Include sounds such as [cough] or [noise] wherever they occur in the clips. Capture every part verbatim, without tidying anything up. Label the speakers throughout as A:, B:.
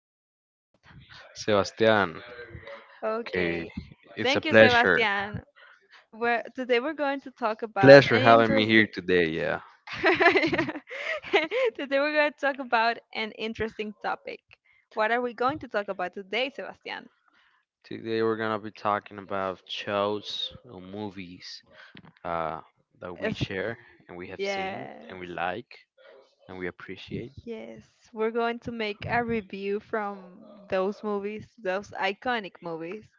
A: today with.
B: Sebastian, okay,
A: Okay,
B: it's a
A: thank you,
B: pleasure.
A: Sebastian. We're, today we're going to talk about
B: Pleasure
A: an
B: having me here
A: interesting.
B: today. Yeah,
A: [laughs] Today we're going to talk about an interesting topic. What are we going to talk about today, Sebastian?
B: today we're gonna be talking about shows or movies uh, that we
A: Es-
B: share and we have seen and we
A: yes,
B: like and we appreciate.
A: yes, we're going to make a review from those movies, those iconic movies.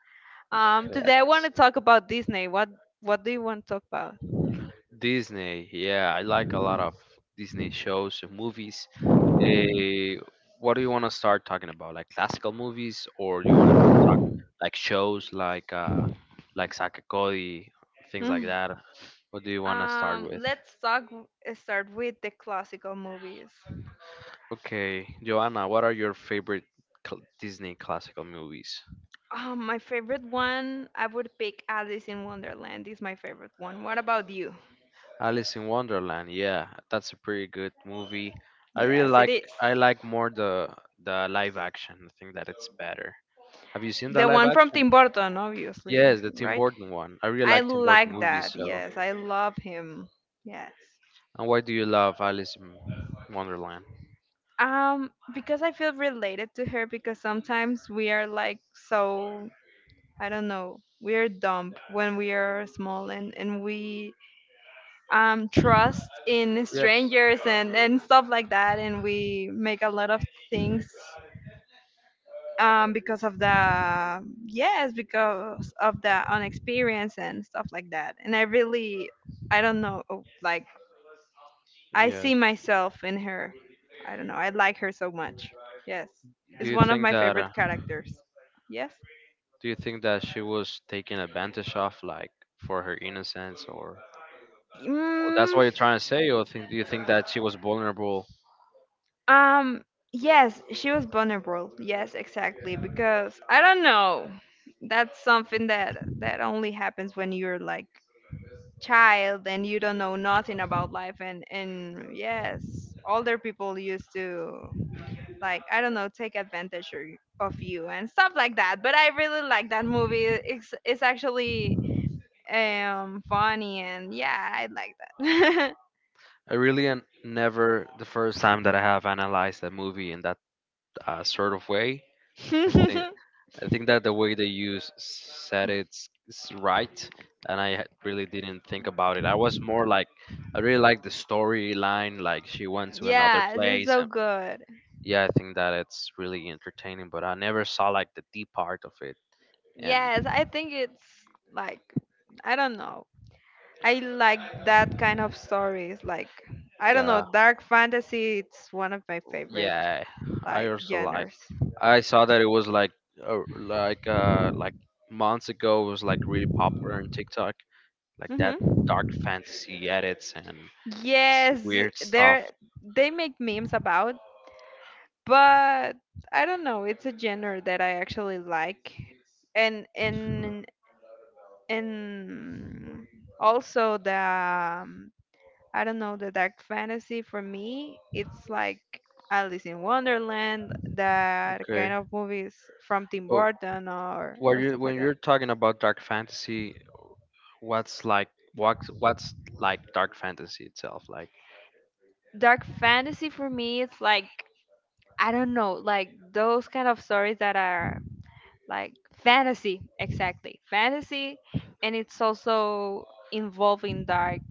A: Um, today I
B: Correct.
A: want to talk about Disney. What What do you want to talk
B: Disney. Yeah, I like a lot of Disney shows and movies. Eh, what do you want to start talking about? Like classical movies, or do you want to talk like shows like uh, like Saka things like
A: about? [laughs]
B: that. What do you want to start
A: Um,
B: with?
A: let's talk. eh, Start with the classical movies.
B: Okay, Joanna, what are your favorite cl- Disney classical movies?
A: Um, my favorite one, I would pick Alice in Wonderland. Is my favorite one. What about you?
B: Alice in Wonderland. Yeah, that's a pretty good movie. I really
A: Yes, it
B: like
A: is.
B: I like more the the live action. I think that it's better. Have you seen the
A: The
B: live
A: one from
B: action?
A: Tim Burton, obviously,
B: Yes, the Tim
A: right?
B: Burton one. I really
A: I
B: like Tim Burton
A: like
B: movies,
A: that.
B: so.
A: Yes, I love him. Yes.
B: And why do you love Alice in Wonderland?
A: Um, because I feel related to her because sometimes we are like so I don't know, we are dumb when we are small, and and we um, trust in
B: Yes.
A: strangers, and, and stuff like that. And we make a lot of things um, because of the, yes, because of the unexperience and stuff like that. And I really, I don't know, oh, like, I see
B: Yes.
A: myself in her. I don't know. I like her so much. Yes.
B: Do
A: It's
B: you
A: one of
B: think
A: my
B: that uh,
A: favorite characters. Yes.
B: Do you think that she was taken advantage of, like for her innocence, or, or that's
A: Mm,
B: what you're trying to say, or think, do you think that she was vulnerable?
A: Um, yes, she was vulnerable. Yes, exactly. Because I don't know. That's something that that only happens when you're like child and you don't know nothing about life, and and yes, older people used to like I don't know take advantage or of you and stuff like that. But I really like that movie. It's it's actually um funny, and yeah, I like that.
B: I really an- never the first time that I have analyzed that movie in that uh, sort of way. I think I think that the way they use said it's, it's right, and I had- really didn't think about it. I was more
A: [laughs]
B: like I really like the storyline, like she went to another
A: Yes, it's
B: place,
A: so
B: and
A: good.
B: yeah, I think that it's really entertaining. But I never saw like the deep part of it. And
A: Yes, I think it's like I don't know. I like that kind of stories. Like I don't know,
B: yeah
A: dark fantasy. It's one of my favorite
B: yeah I
A: like
B: also like,
A: genres.
B: I saw that it was like uh, like uh like months ago it was like really popular on TikTok, like that
A: Hmm.
B: dark fantasy edits and s-
A: Yes,
B: weird stuff.
A: there they make memes about, but I don't know. It's a genre that I actually like, and and and also the um, I don't know, the dark fantasy for me, it's like Alice in Wonderland, that
B: Okay.
A: kind of movies from Tim
B: Oh,
A: Burton, or
B: when
A: or
B: you
A: stuff
B: when
A: like that.
B: you're talking about dark fantasy, what's like, what's what's like dark fantasy itself, like
A: Dark fantasy for me, it's like I don't know, like those kind of stories that are like fantasy, exactly. Fantasy, and it's also involving dark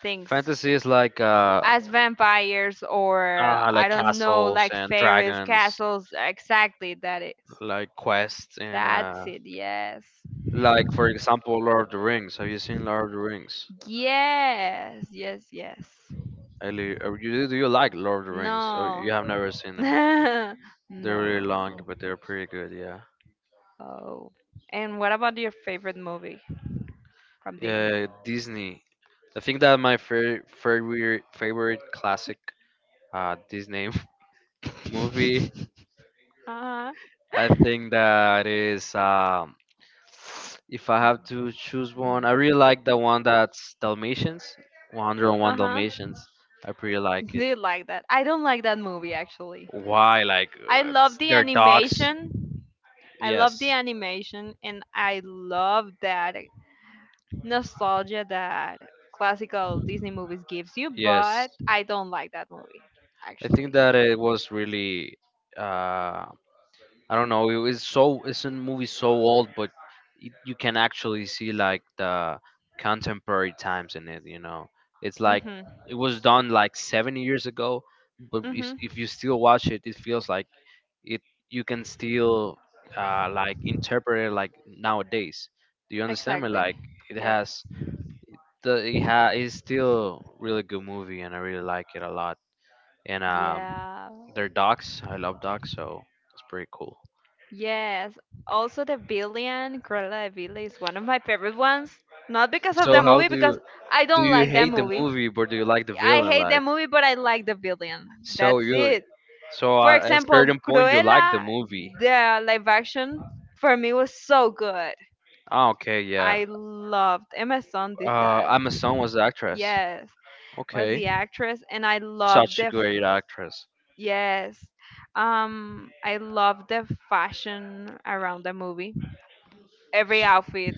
A: things
B: Fantasy is like uh,
A: as vampires or
B: uh
A: I
B: like
A: don't know,
B: castles
A: like
B: and
A: fairies,
B: dragons,
A: castles. Exactly, that is.
B: like quests and
A: That's
B: uh
A: it. Yes.
B: like, for example, Lord of the Rings. Have you seen Lord of the Rings?
A: Yes. Yes. Yes.
B: Eli- or you- Do you like Lord of the Rings? Or you
A: No.
B: have never seen them?
A: [laughs]
B: They're really long,
A: No.
B: but they're pretty good. Yeah.
A: Oh. And what about your favorite movie from Disney? [laughs]
B: Yeah, Disney. I think that my fa- favorite favorite classic uh Disney [laughs] movie.
A: Uh huh.
B: I think that is um if I have to choose one, I really like the one that's Dalmatians,
A: Uh
B: one oh one
A: huh.
B: Dalmatians. I pretty like it.
A: Did [laughs] like that. I don't like that movie actually.
B: Why? Like
A: I
B: uh,
A: love
B: it's-
A: the
B: they're dogs.
A: animation. I love the
B: Yes,
A: animation, and I love that nostalgia that classical Disney movies gives you.
B: yes.
A: But I don't like that movie
B: I think
A: actually.
B: that it was really, uh, I don't know, it was so, it's a movie so old, but it, you can actually see like the contemporary times in it, you know. It's like,
A: Mhm.
B: it was done like seventy years ago, but if,
A: Mhm.
B: if you still watch it, it feels like it you can still uh, like interpret it like nowadays. Do you understand me?
A: Exactly.
B: Like it
A: Yes.
B: has the it ha is still really good movie and I really like it a lot. And um,
A: Yeah.
B: they're dogs. I love dogs, so it's pretty cool.
A: Yes. Also, the villain, Cruella de Vil, is one of my favorite ones. Not because of
B: So
A: the
B: how
A: movie,
B: do you,
A: because I
B: do
A: don't
B: you
A: like that
B: hate the
A: movie.
B: movie, but do you like the
A: I
B: villain?
A: hate the
B: Like
A: movie, but I like the villain.
B: so
A: That's
B: you,
A: it.
B: so
A: For
B: at a
A: example,
B: certain point you like the
A: Cruella,
B: movie.
A: the live action, for me was so good.
B: Ah, okay, yeah.
A: I loved Emma Stone did
B: Uh,
A: that.
B: Emma Stone was the actress.
A: Yes, was
B: Okay,
A: the actress, and I love
B: such a
A: the f-
B: great actress.
A: yes, um, I love the fashion around the movie, every
B: Sh-
A: outfit,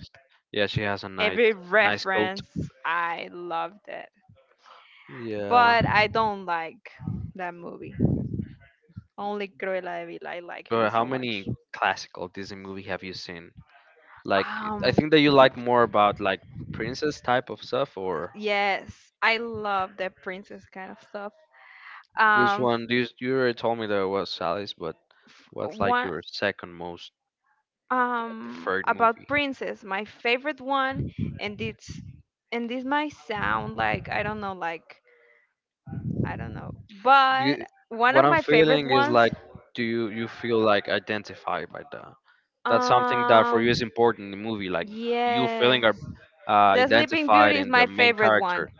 B: Yeah, she has a nice,
A: every
B: nice coat.
A: reference. I loved it.
B: Yeah.
A: But I don't like that movie. Only Cruella de Vil. I like her
B: But how
A: so
B: many
A: much.
B: classical Disney movie have you seen? Like, I
A: Um,
B: think that you like more about like princess type of stuff, or
A: yes, I love that princess kind of stuff.
B: which
A: Um,
B: one? Do you, you already told me there was Alice, but what's like
A: One
B: your second most
A: um
B: preferred
A: about
B: movie?
A: princess my favorite one, and it's and this might sound like I don't know like I don't know. But
B: You,
A: one
B: what
A: of
B: I'm
A: my favorite
B: feeling is
A: ones,
B: like, do you you feel like identified by the, that's something that for you
A: um
B: is important in the movie, like you feeling are
A: yes.
B: uh,
A: The Sleeping
B: identified
A: Beauty is
B: in the
A: my
B: main
A: favorite
B: character.
A: one.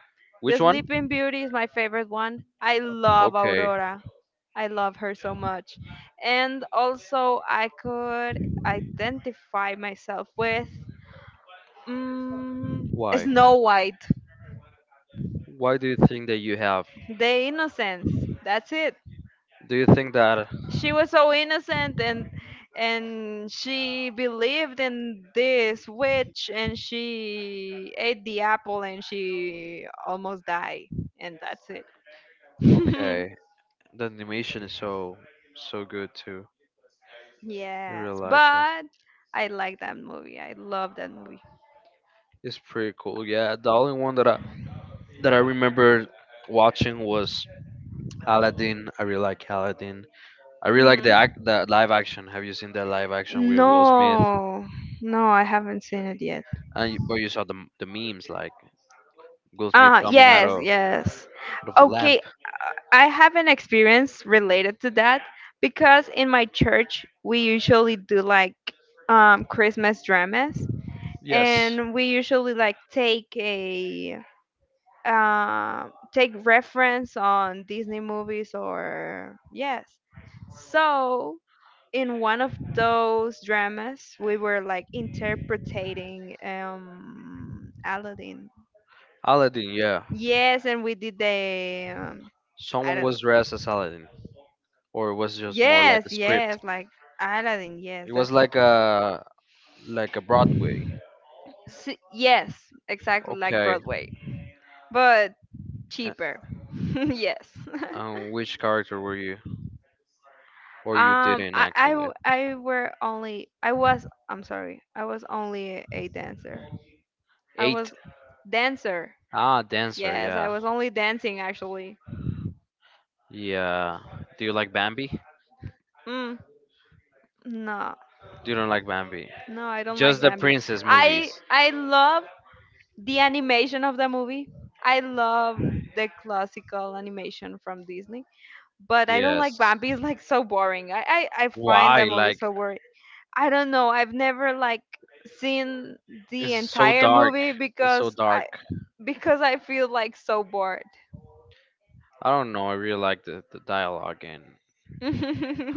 A: The
B: Which one?
A: Sleeping Beauty is my favorite one. I love
B: Okay,
A: Aurora. I love her so much. And also I could identify myself with mm,
B: why?
A: Snow White.
B: Why do you think that you have?
A: The innocence. That's it.
B: Do you think that
A: She was so innocent, and and she believed in this witch, and she ate the apple, and she almost died, and that's it. [laughs]
B: okay, the animation is so so good too? I really
A: Yes,
B: like it.
A: but I like that movie. I love that movie.
B: It's pretty cool. Yeah, the only one that I that I remember watching was Aladdin. I really like Aladdin. I really like the
A: Hmm.
B: act, the live action. Have you seen the live action with Will Smith?
A: No, no, I haven't seen it yet.
B: And you, but you saw the the memes like Will Smith
A: Ah,
B: coming out
A: yes,
B: of
A: yes.
B: out of a lamp.
A: Okay, I have an experience related to that, because in my church we usually do like um, Christmas dramas,
B: Yes,
A: and we usually like take a uh, take reference on Disney movies or yes. So in one of those dramas, we were like interpreting um, Aladdin.
B: Aladdin. Yeah,
A: Yes, and we did the um, I
B: someone
A: don't know.
B: was dressed as Aladdin, or it was just more like a
A: Yes,
B: script.
A: yes, like Aladdin. Yes,
B: It was
A: that's it.
B: like a like a Broadway.
A: S- yes, exactly like
B: Okay.
A: Broadway, but
B: Uh,
A: cheaper. [laughs] Yes. [laughs]
B: Um, which character were you, or you
A: um,
B: didn't
A: I,
B: act
A: I
B: in it?
A: w- I were only I was I'm sorry, I was only a a dancer. I
B: Eight.
A: was dancer.
B: Ah, dancer.
A: Yes, I
B: Yeah.
A: was only dancing actually.
B: Yeah. Do you like Bambi? Do
A: Mm, no,
B: You don't like Bambi?
A: no, I don't
B: Just
A: like
B: the
A: Bambi.
B: princess movies.
A: I I love the animation of the movie. I love the classical animation from Disney, but I don't like
B: Yes.
A: Bambi. [laughs] It's like so boring. I, I, I find that
B: Why?
A: movie
B: Like
A: so boring. I don't know. I've never like seen
B: it's
A: the
B: so
A: entire
B: dark.
A: movie,
B: It's so
A: because
B: dark.
A: I because I feel like so bored.
B: I don't know. I really like the, the dialogue and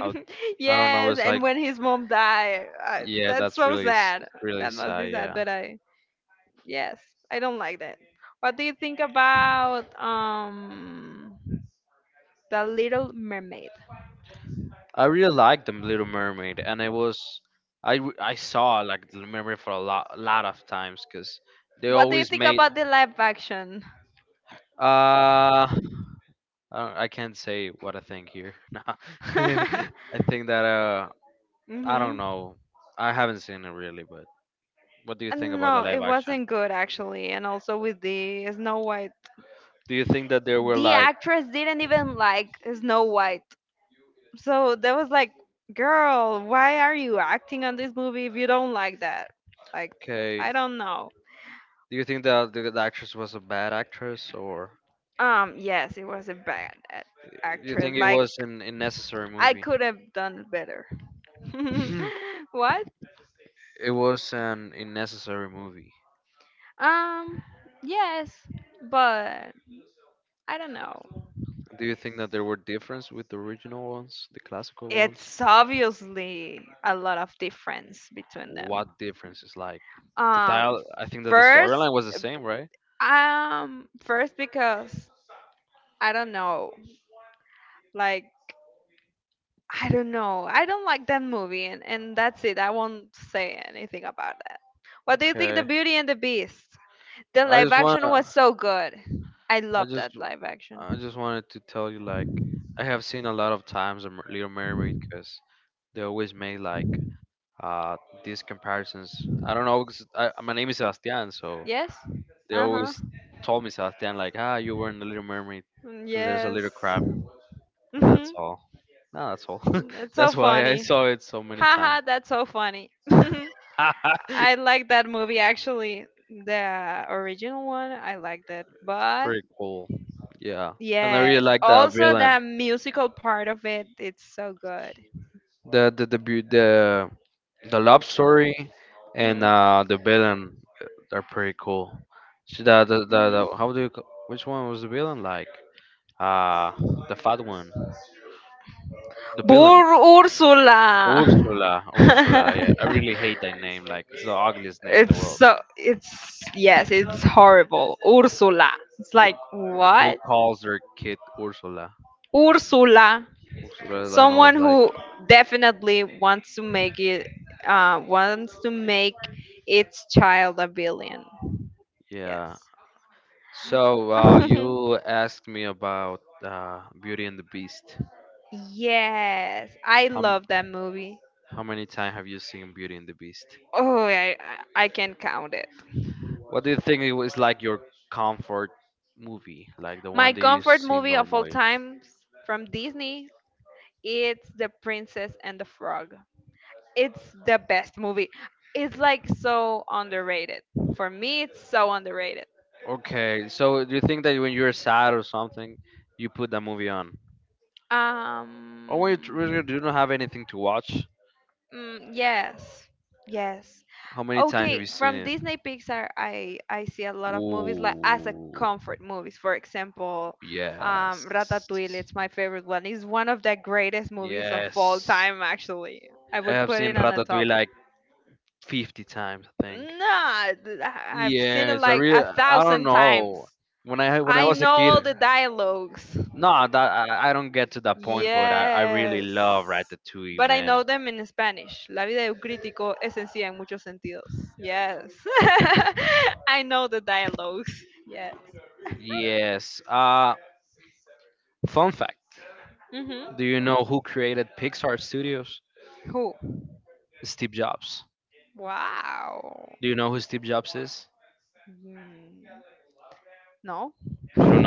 B: how I don't know.
A: Yes,
B: It's like
A: and when his mom died, I,
B: yeah,
A: that's
B: that's
A: so
B: really s-
A: sad.
B: really
A: That must be
B: sad.
A: sad.
B: Yeah,
A: But I, yes, I don't like that. What do you think about um? The Little Mermaid.
B: I really liked the Little Mermaid, and it was I w- I saw like the Little Mermaid for a lot lot of times because they
A: What do you
B: always
A: think
B: made
A: about the live action?
B: uh uh, I can't say what I think here. [laughs] Nah. [laughs]
A: [laughs]
B: I think that uh I don't
A: Mhm.
B: know. I haven't seen it really, but. What do you
A: Uh,
B: think about the
A: No, it
B: live action?
A: wasn't good actually, and also with the Snow White.
B: Do you think that they were
A: The
B: like,
A: actress didn't even like Snow White. So that was like, girl, why are you acting on this movie if you don't like that? Like,
B: okay,
A: I don't know.
B: do you think that the, the actress was a bad actress or
A: Um, yes, it was a bad act-
B: do you think
A: actress.
B: it
A: Like
B: was an unnecessary
A: I
B: movie?
A: could have done better. [laughs]
B: [clears throat]
A: What?
B: [laughs] it was an unnecessary movie.
A: Um, yes, but I don't know.
B: Do you think that there were difference with the original ones, the classical ones?
A: It's obviously a lot of difference between them.
B: What difference is like the
A: Um,
B: dial? I think that the
A: first,
B: storyline was the same, right?
A: um, first because I don't know. Like I don't know. I don't like that movie, and and that's it. I won't say anything about that. What do you think, The
B: Okay.
A: Beauty and the Beast? The
B: I
A: live
B: just
A: action was
B: wanna.
A: so good. I
B: I
A: love
B: just
A: that live action.
B: I just wanted to tell you, like, I have seen a lot of times a Mer- Little Mermaid because they always made like uh these comparisons. I don't know, 'cause I, my name is Sebastian, so
A: Yes?
B: they
A: Uh huh.
B: always told me Sebastian, like, ah, you were in the Little Mermaid because there's a little
A: Yes.
B: crab, and that's
A: Mhm.
B: all. No, that's all.
A: That's
B: [laughs]
A: so
B: that's why I
A: funny.
B: saw it so many times.
A: Haha, that's so funny. [laughs]
B: [laughs]
A: I like that movie actually. The original one, I liked it. But
B: Pretty cool. Yeah, and I really
A: yes,
B: like the
A: also
B: villain.
A: the musical part of it, it's so good.
B: the the the beau- the, the love story and uh the villain uh, are pretty cool. So the, the, the, the how do you ca- which one was the villain like? Uh the fat one. The villain
A: Bur Ursula.
B: Ursula. Ursula,
A: [laughs]
B: yeah. I really hate that name, like it's the ugliest name in the
A: it's
B: world.
A: so it's Yes, it's horrible. Ursula. It's
B: Ur-
A: like
B: Who
A: what?
B: calls their kid Ursula?
A: Ursula.
B: Ursula, I don't know,
A: Someone
B: it's like
A: who definitely wants to make it uh wants to make its child a billion.
B: yeah.
A: Yes.
B: So uh you
A: [laughs]
B: asked me about uh Beauty and the Beast.
A: Yes, I love that movie. Oh, I I I can count it. My comfort movie of all times from Disney, it's The Princess and the Frog. It's the best movie. It's like so underrated. For me, it's so underrated. Um, mm, yes, yes. Okay, from Disney Pixar, I I see a lot of movies like as a comfort movies. For example, um, Ratatouille. It's my favorite one. It's one of the greatest movies of all time. Actually, I would put it on the top. Nah, th- I- I've seen it like a thousand times. I know all the dialogues. Yes. But I know them in Spanish. La vida de un crítico es sencilla en muchos sentidos. Yes. [laughs] I know the dialogues. Yes. [laughs] Hmm. Who? Wow. Mm. No. [laughs]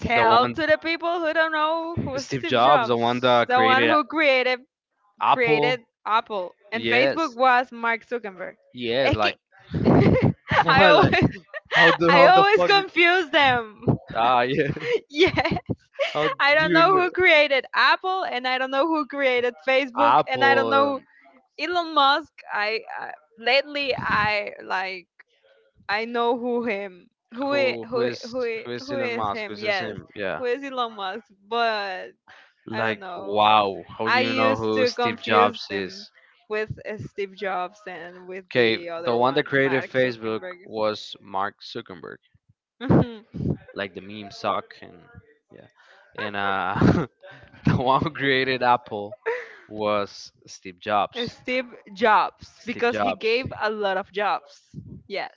A: Tell to the people who don't know who's Steve Jobs, the one who created created Apple, and Facebook was Mark Zuckerberg. Es que [laughs] I always [laughs] I always confuse them. [laughs] Yeah, I don't know who created Apple, and I don't know who created Facebook, and I don't know Elon Musk, I, I lately I like I know who him who i- who i- who i- who is him? Yes, who is Elon Musk? But I don't know. I used to confuse them with uh, Steve Jobs, and with the other one, Mark Zuckerberg. Mhm. [laughs] Steve Jobs because he gave a lot of jobs. Yes.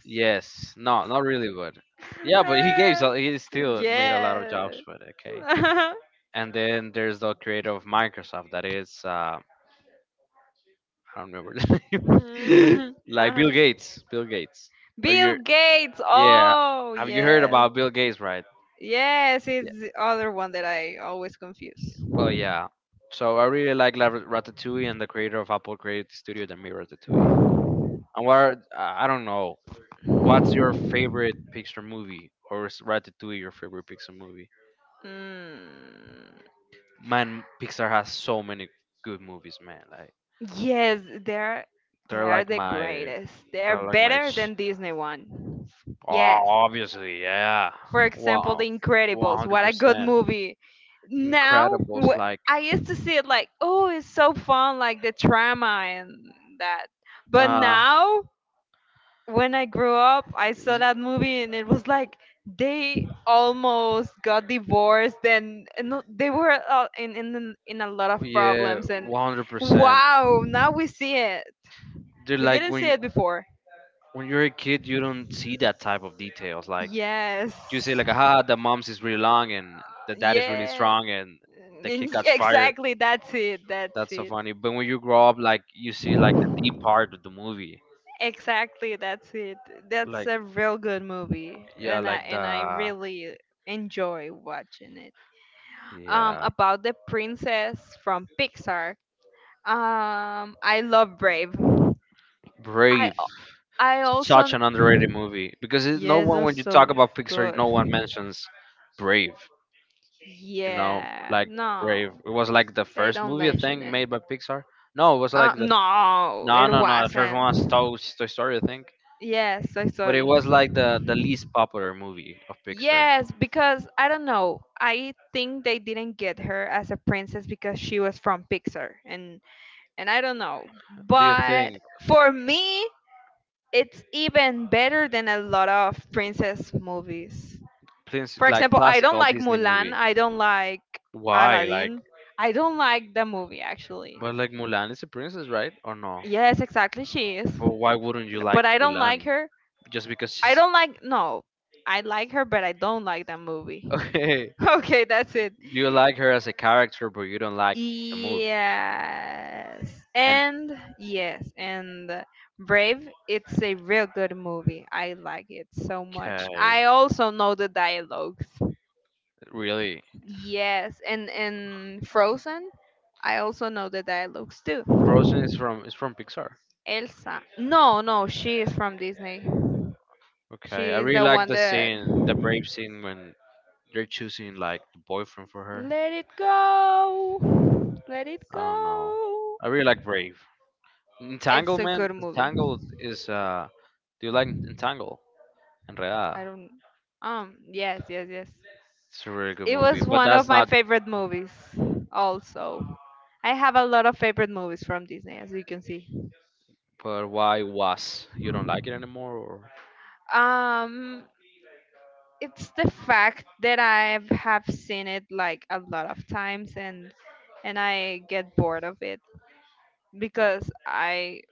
A: Eh, yeah. [laughs] Mhm, uh-huh. Bill Gates. Oh, yes. Yes, it's the other one that I always confuse. Mm. Yes, they're they're the greatest. They're better than Disney one. Yes. For example, The Incredibles. What a good movie. Now, wh- I used to see it like, oh, it's so fun, like the drama and that. But now, when I grew up, I saw that movie and it was like they almost got divorced, and, and no- they were uh, in, in in in a lot of problems. And wow, now we see it. We didn't see it before. Yes. Yes. And y- [laughs] exactly, that's it. That's it. Exactly, that's it. That's a real good movie, and I and I really enjoy watching it. Um, about the princess from Pixar. Um, I love Brave. I I also, yes, that's so good. Yeah, no, they don't mention it. Uh, no, it wasn't. Yes, Toy Story. Yes, because I don't know. I think they didn't get her as a princess because she was from Pixar, and and I don't know. But for me, it's even better than a lot of princess movies. For example, I don't like Mulan. I don't like Aladdin. I don't like the movie actually. Yes, exactly. She is. But, but I don't like her. I don't like. No, I like her, but I don't like that movie. [laughs] Okay, that's it. Yes. And yes, and uh, Brave, it's a real good movie. I like it so much. I also know the dialogues. Yes, and and Frozen, I also know the dialogues too. Elsa. No, no, she is from Disney. She is the one that. Let it go. Let it go. It's a good movie. I don't. Um. Yes. Yes. Yes. It was one of my favorite movies. Also, I have a lot of favorite movies from Disney, as you can see. Um, it's the fact that I have seen it like a lot of times and and I get bored of it because I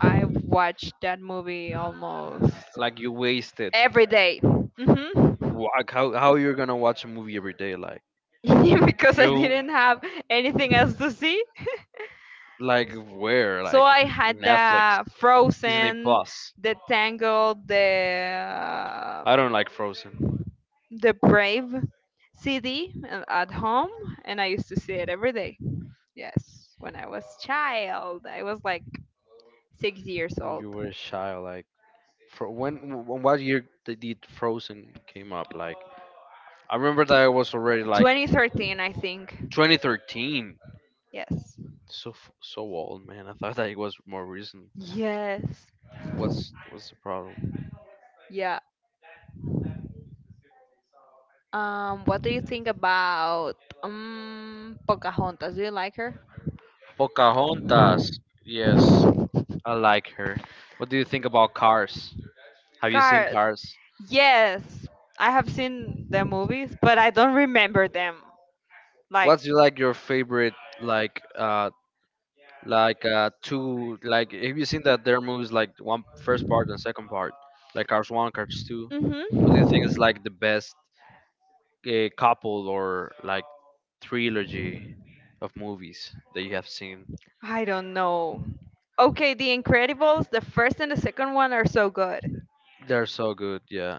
A: I watch that movie almost every day. Mhm. [laughs] Because I didn't have anything else to see. So I had the Frozen, the Tangled, the the Brave C D at home, and I used to see it every day. Yes, when I was child, I was like six years old. Twenty thirteen, I think. Yes. Yes. Yeah. Um, what do you think about um Pocahontas? Do you like her? Cars. Yes, I have seen the movies, but I don't remember them. Like, hmm, I don't know. Okay, The Incredibles, the first and the second one are so good.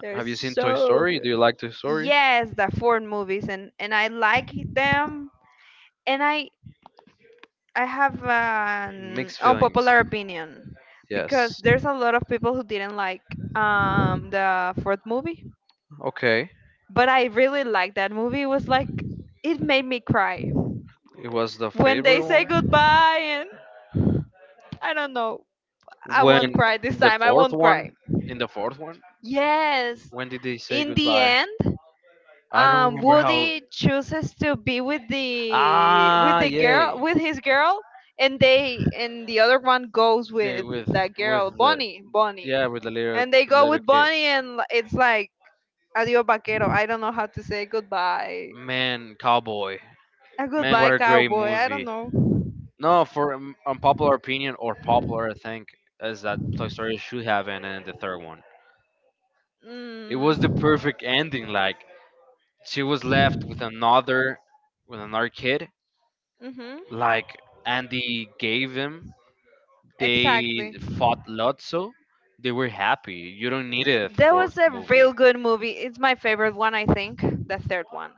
A: They're so good. Yes, the foreign movies, and and I like them. And I I have an unpopular opinion because there's a lot of people who didn't like um, the fourth movie, but I really liked that movie. It was like it made me cry when they say goodbye, and I don't know. I won't cry this time. I won't cry. Yes, in the end, um, Woody chooses to be with the with the girl, with his girl, and they, and the other one goes with that girl, Bonnie Bonnie, and they go with Bonnie, and li- it's like adios vaquero. I don't know how to say goodbye. A goodbye cowboy. I don't know. Mm. Mm-hmm. Exactly. That was a real good movie. It's my favorite one, I think. The third one.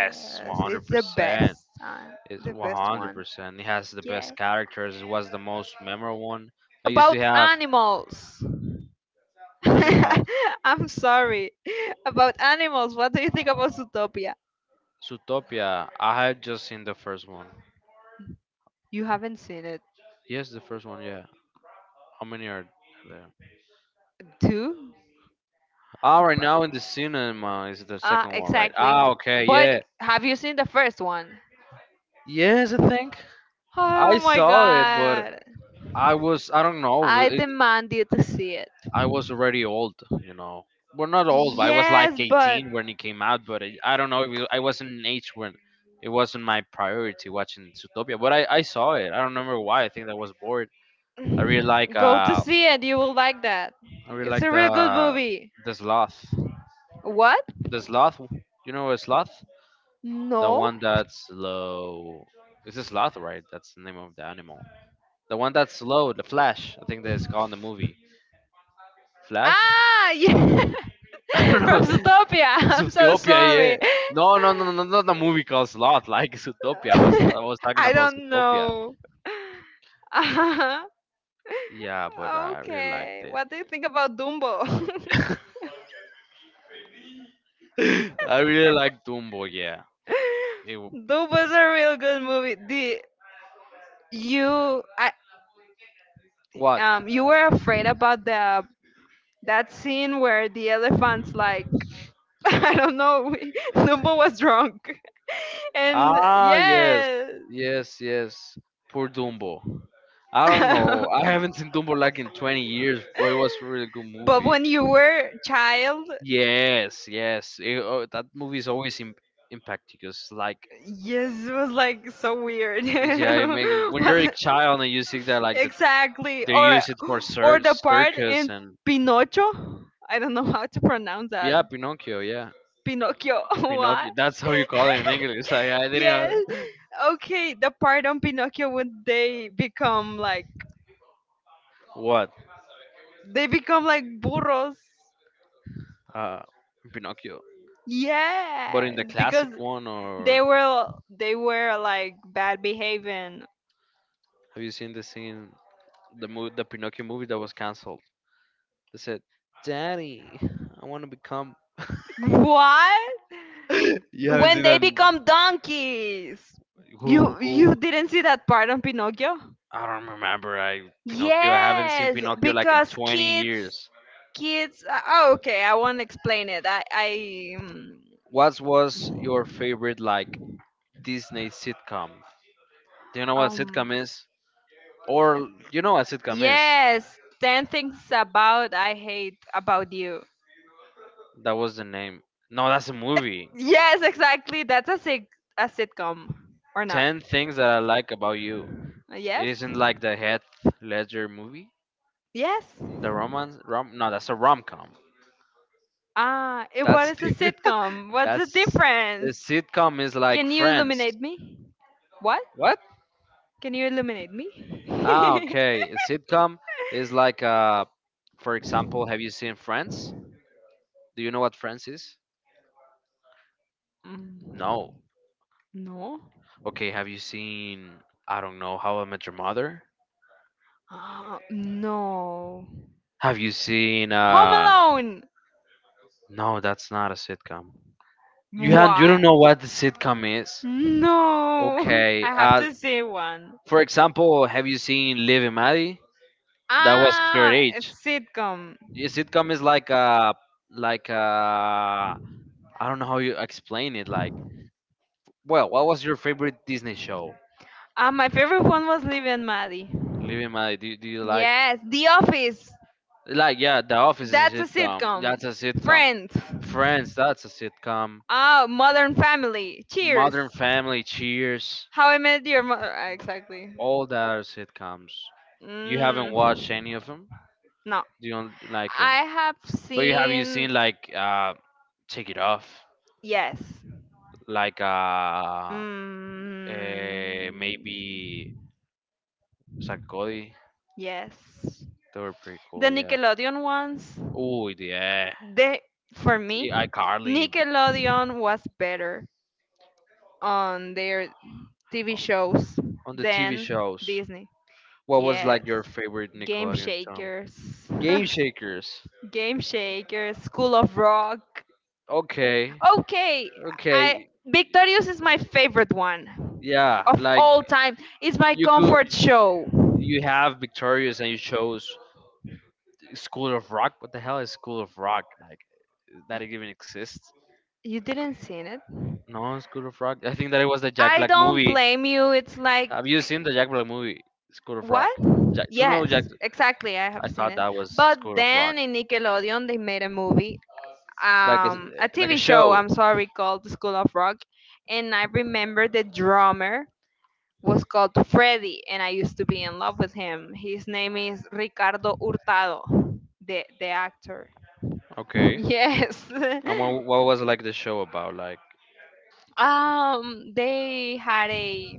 A: Yes, it's the best time, the best one. Yeah. About animals. [laughs] I'm sorry. About animals. What do you think about Zootopia? You haven't seen it, too? But- Ah, exactly. But have you seen the first one? Oh my god. I demand you to see it. Yes, but [sighs] go to see it. You will like that. It's a real good movie. What? No. Ah, yeah. [laughs] From Zootopia. [laughs] I'm so sorry. [laughs] I don't know. [laughs] Uh-huh. Okay. What do you think about Dumbo? [laughs] Dumbo is a real good movie. The, you, I um you were afraid about the, that scene where the elephants like [laughs] I don't know. we- [laughs] Numbo was drunk. [laughs] And yeah. [laughs] But when you were child, yes, it was like so weird. [laughs] What? Exactly. Or or the part in Pinocchio. I don't know how to pronounce that. Pinocchio. [laughs] What? [laughs] Yes. Okay, the part on Pinocchio when they become like, they become like burros. Yes, because they were they were like bad behaving. What? When they become donkeys. You you didn't see that part on Pinocchio? Yes, because kids, kids. uh, Oh, okay. I won't explain it. I, I, um, um, yes. Ten things about I hate about you. Uh, Yes, exactly. That's a sit a sitcom or not? Uh, Yes. Yes. Ah, it, what is a sitcom? What's the difference? Can you illuminate me? What? Can you illuminate me? [laughs] Mm, no. Ah, no. Home Alone. What? No. [laughs] I have to say one. Ah, a sitcom. Uh, my favorite one was Living and Maddie. Yes, The Office. That's a sitcom. Friends. Ah, Modern Family. Cheers. How I Met Your Mother. ah, Exactly. Mm, no. I have seen. Yes. Mm, yes. The Nickelodeon ones. They, for me, Nickelodeon was better on their T V shows than Disney. Yes. Game Shakers. [laughs] Game Shakers, School of Rock. Okay, I, Victorious is my favorite one of all time. It's my comfort show. You didn't see it? I don't blame you. It's like what? Yes, exactly. I have seen it. But then in Nickelodeon they made a movie, um, a T V show, I'm sorry, called The School of Rock, and I remember the drummer was called Freddy, and I used to be in love with him. His name is Ricardo Hurtado, the the actor. [laughs] Yes. [laughs] Um, they had a,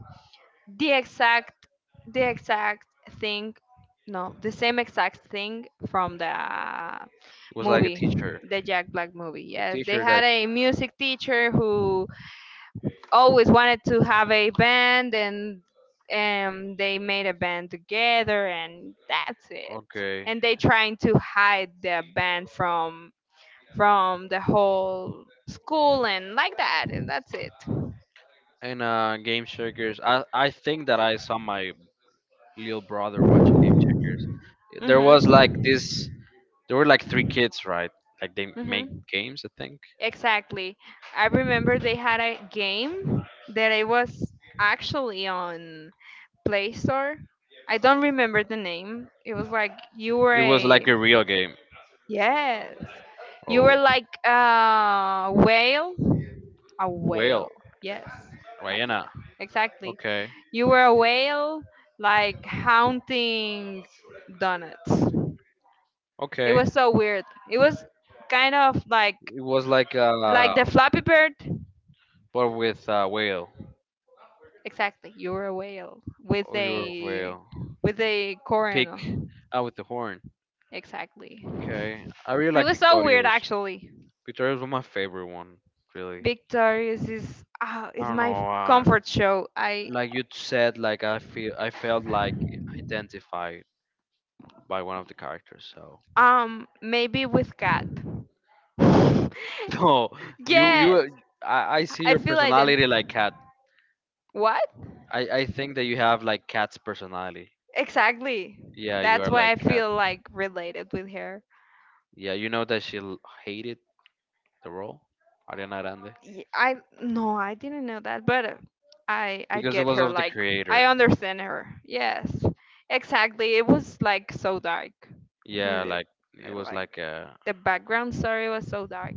A: the exact the exact thing, no, the same exact thing from the movie, the Jack Black movie. Yes, they had a music teacher who always wanted to have a band, and um, they made a band together, and that's it, and they trying to hide their band from from the whole school and like that, and that's it. Mm-hmm. Mm-hmm. Exactly. I remember they had a game that it was actually on Play Store. I don't remember the name. It was like you were a, yes, you were like a whale, a whale. Yes, but yeah, exactly. You were a whale, like haunting donuts. It was so weird. It was kind of like like the Flappy Bird. Exactly, you're a whale with a, with a coronal. Exactly. It was so weird actually. Victorious is uh, is my comfort show. I um Maybe with cat. [laughs] Yes. I feel I didn't. What? Exactly. That's why I feel like related with her. Y- I, no, I didn't know that, but uh, I I get her. Like I understand her. Yes, exactly. It was like so dark. Uh, Like the background story was so dark.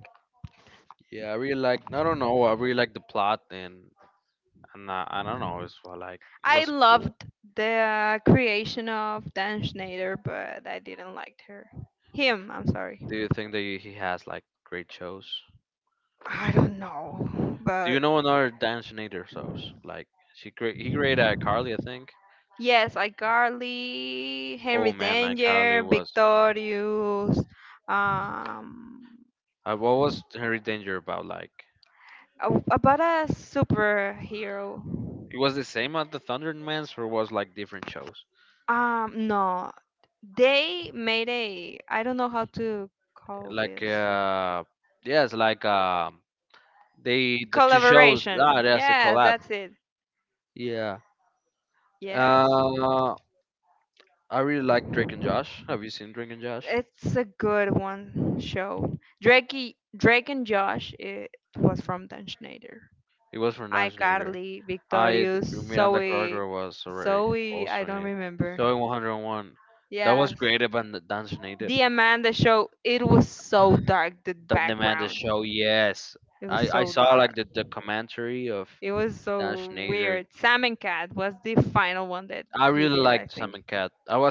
A: I loved the creation of Dan Schneider, but I didn't like her. Him, I'm sorry. I don't know, but yes, like Garly, Henry Danger, Victorious, um, a- about a superhero. Um, no, they made a, I don't know how to call this. Collaboration. Yes, that's it. Yes. It's a good one show. Drake, Drake and Josh, it was from Dan Schneider. iCarly, Victorious, Zoe, Zoe, I don't remember. Yes. The Amanda Show, it was so dark, the background. It was so dark. It was so weird. Sam and Cat was the final one that he did, I think.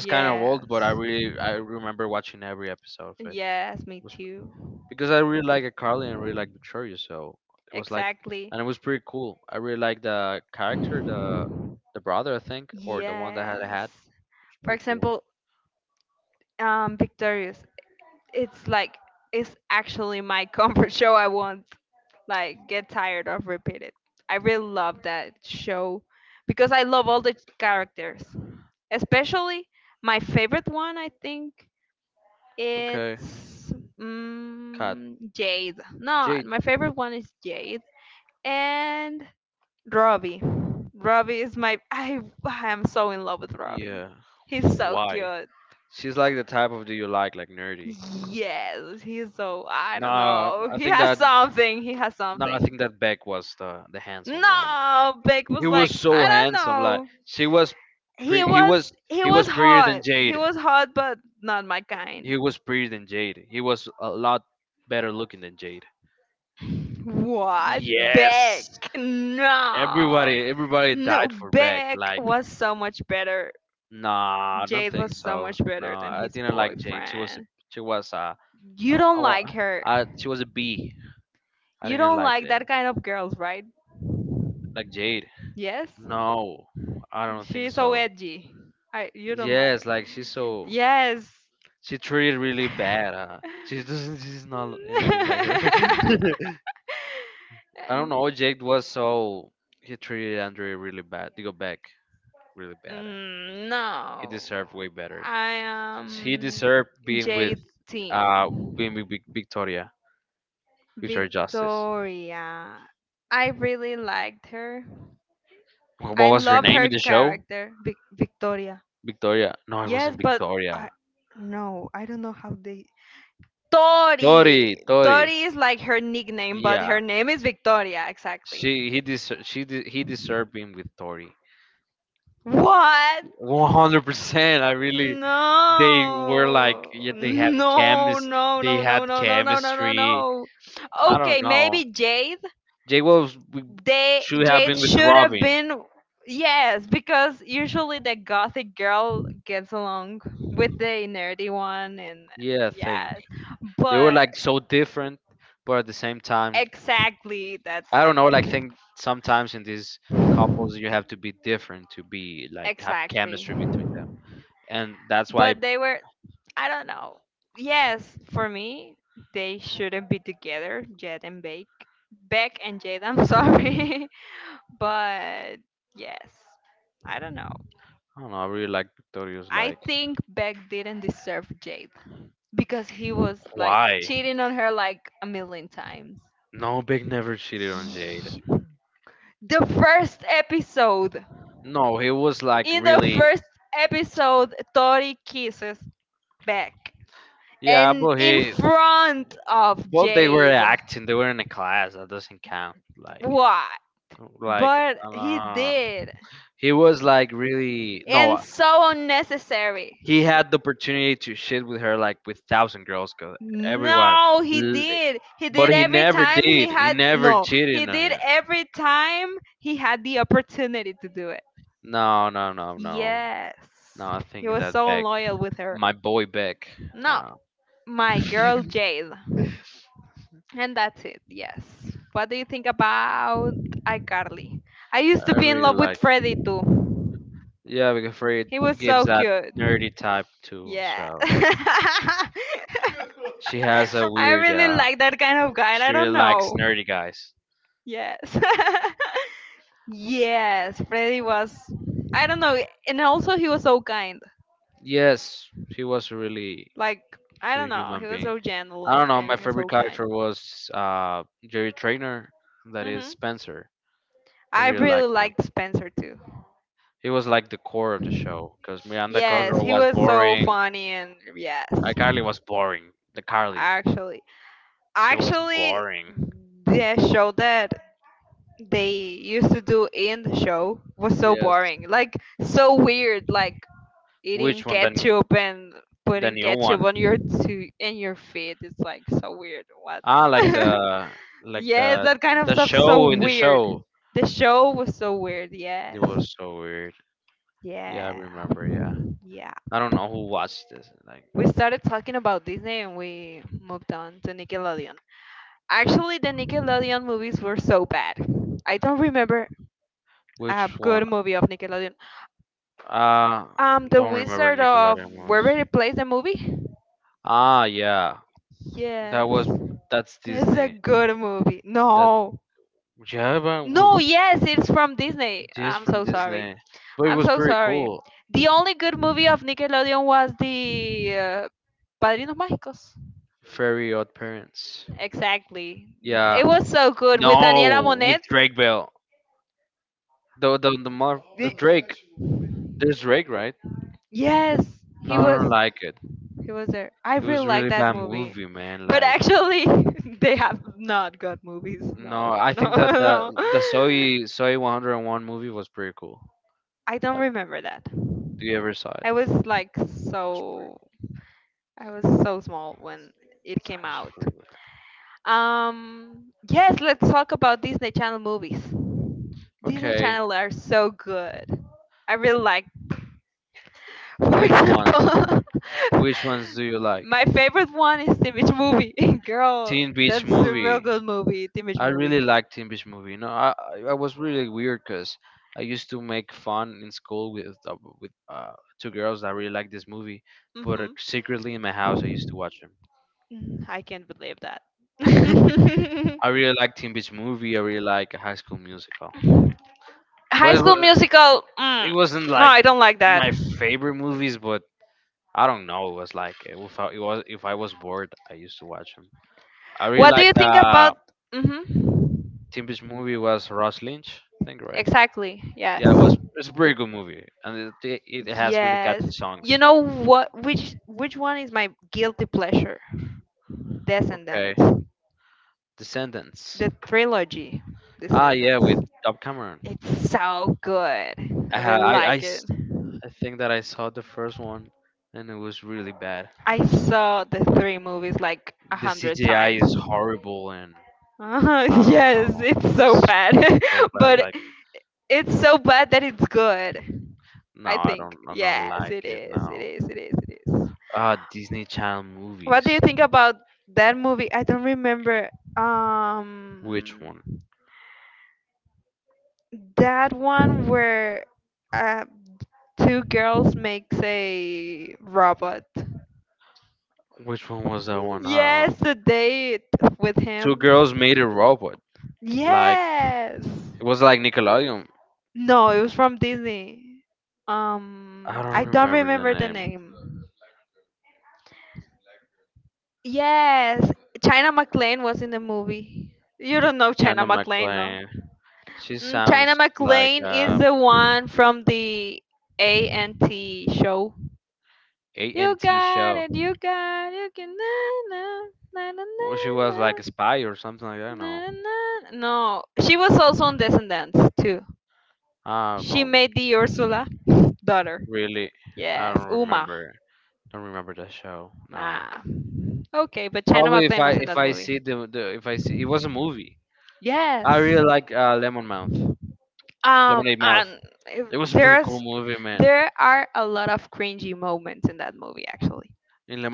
A: Yes. Yes, me too. Exactly. Yes. For example, um, Victorious. It's like, it's actually my comfort [laughs] show. I won't like get tired of repeat it. I really love that show because I love all the characters. Especially my favorite one. I think it's, mm, Jade. No, my favorite one is Jade, and Robbie. Robbie is my, I I am so in love with Robbie. He's so cute. Yes, he's so, I don't know. He has something. He has something. No, Beck was like, I don't know. He was he was hot. He was hot but not my kind. What? Beck? No. No, Beck was so much better. Jade was so much better than his boyfriend. You don't like her. You don't like that kind of girls, right? Yes? She's so edgy. I, you don't like. Yes. [laughs] And- Mm, no, I am Jade Team. Victoria. I really liked her. I love her character, Vic- Victoria. Yes, but I, no, I don't know how they. Tori. Tori is like her nickname, but her name is Victoria. Exactly. What? No. No, no, no, no, no, no, no, no, no, no. Okay, maybe Jade. They Jade been, yes, because usually the gothic girl gets along with the nerdy one, and yes. But exactly, that's like exactly. But they were, I don't know. Yes, for me, they shouldn't be together, Jed and Beck. Beck and Jed, I'm sorry. [laughs] But yes, I don't know. I think Beck didn't deserve Jade because he was like cheating on her like a million times. The first episode, in the first episode, Tori kisses Beck and in front of Jade. Why? But he did. And so unnecessary. No, he did. He did every time he had, no. He did every time he had the opportunity to do it. Yes. He was so unloyal with her. No, my girl Jade. And that's it. Yes. What do you think about iCarly? I used to be in love with Freddy too. He was so cute. Yeah. [laughs] I really like that kind of guy. I don't know. Yes. [laughs] Yes, Freddy was. I don't know. And also, he was so kind. Like, I don't know. He was so gentle, and, and he was so kind. Hmm. I really liked Spencer too. Yes, he was so funny, and yes. Actually, Actually, the show that they used to do in the show was so boring, like so weird, like eating ketchup and putting ketchup on your to in your feet. It's like so weird. What? [laughs] Yes, that kind of stuff so weird. The show was so weird. Yes. Yeah. Yeah. We started talking about Disney and we moved on to Nickelodeon. Actually, the Nickelodeon movies were so bad. I don't remember a good movie of Nickelodeon. Um, The Wizard of Waverly Place, the movie. Yes, that's a good movie. No, no, yes, it's from Disney. I'm so sorry. I'm so sorry. The only good movie of Nickelodeon was the uh, Padrinos Mágicos. Exactly. It was so good with Daniela Monet. Yes, he was. He was there. I really like that movie, but actually, [laughs] they have not good movies. No, no, no, [laughs] no. I don't remember that. I was like so, I was so small when it came out. Um. Yes, let's talk about Disney Channel movies. Disney Channel are so good. I really like. For example, [laughs] my favorite one is Teen Beach Movie. [laughs] Girl, that's a real good movie, Teen Beach Movie. Hmm. I can't believe that. [laughs] High School Musical. Mm, no, I don't like that. What do you think about? Hmm. Exactly. Yes. Yes. You know what, which which one is my guilty pleasure? Descendants. The trilogy Descendants. It's so good. I really like it. I saw the three movies like a hundred times. Uh, [laughs] yes, it's so bad. [laughs] But it's so bad that it's good. I think. Yes, it is. It is. It is. It is. What do you think about that movie? I don't remember. Um, that one where uh, two girls makes a robot. Yes, the date with him. Yes. No, it was from Disney. Um, I don't remember the name. Yes, China McLean was in the movie. You don't know China McLean, no? Mm, China McLean is the one from the A and T show. You got it, you got it, you can na na na na na na na. Na. No, she was also on Descendants too. She made the Ursula daughter. Yes, Uma. Ah, okay, but China McLean was in that movie. Yes. Um, and if there's, there are a lot of cringy moments in that movie. Actually,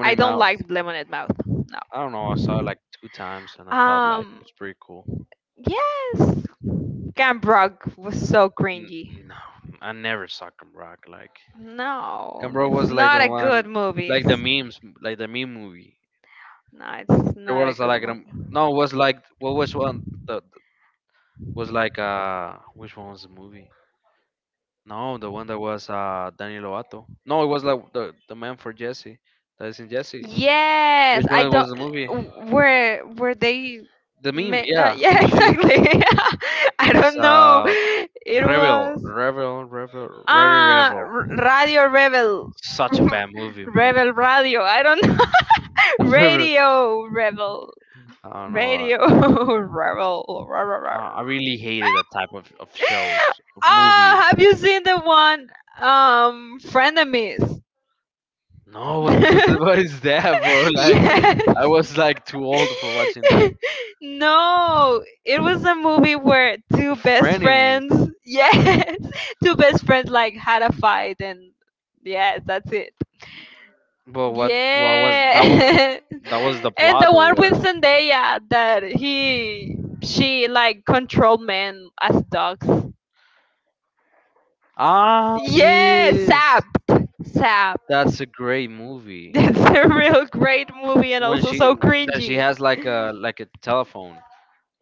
A: I don't like Lemonade Mouth. No. Um. Yes, Camp Rock was so cringy. No, it's not a good movie. It's- No, it's not a good movie. Yes, I don't. W- were where they? Ma- uh, yeah, [laughs] exactly. [laughs] I don't know. It was ah r- Radio Rebel, [laughs] Rebel Radio. I don't know. [laughs] Radio Rebel, Radio [laughs] Rebel. Ra- ra- ra- ra. Ah, have you seen the one um Frenemies? [laughs] Yes. [laughs] No, it was a movie where two best friends, yes, [laughs] two best friends like had a fight, and yes, that's it. Yeah, [laughs] and the one with Zendaya that he, she like controlled men as dogs. Yes, sap Sap, [laughs] that's a real great movie and also so cringy.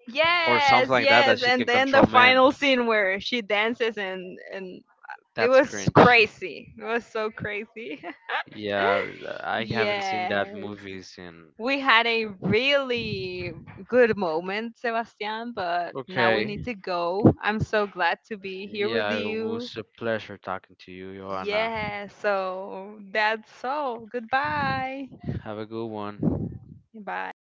A: Yes, yes, and then the final scene where she dances and and it was crazy. It was so crazy. [laughs] Yes. We had a really good moment, Sebastian, but now we need to go. I'm so glad to be here with you. Yeah, so that's all. Goodbye. Bye.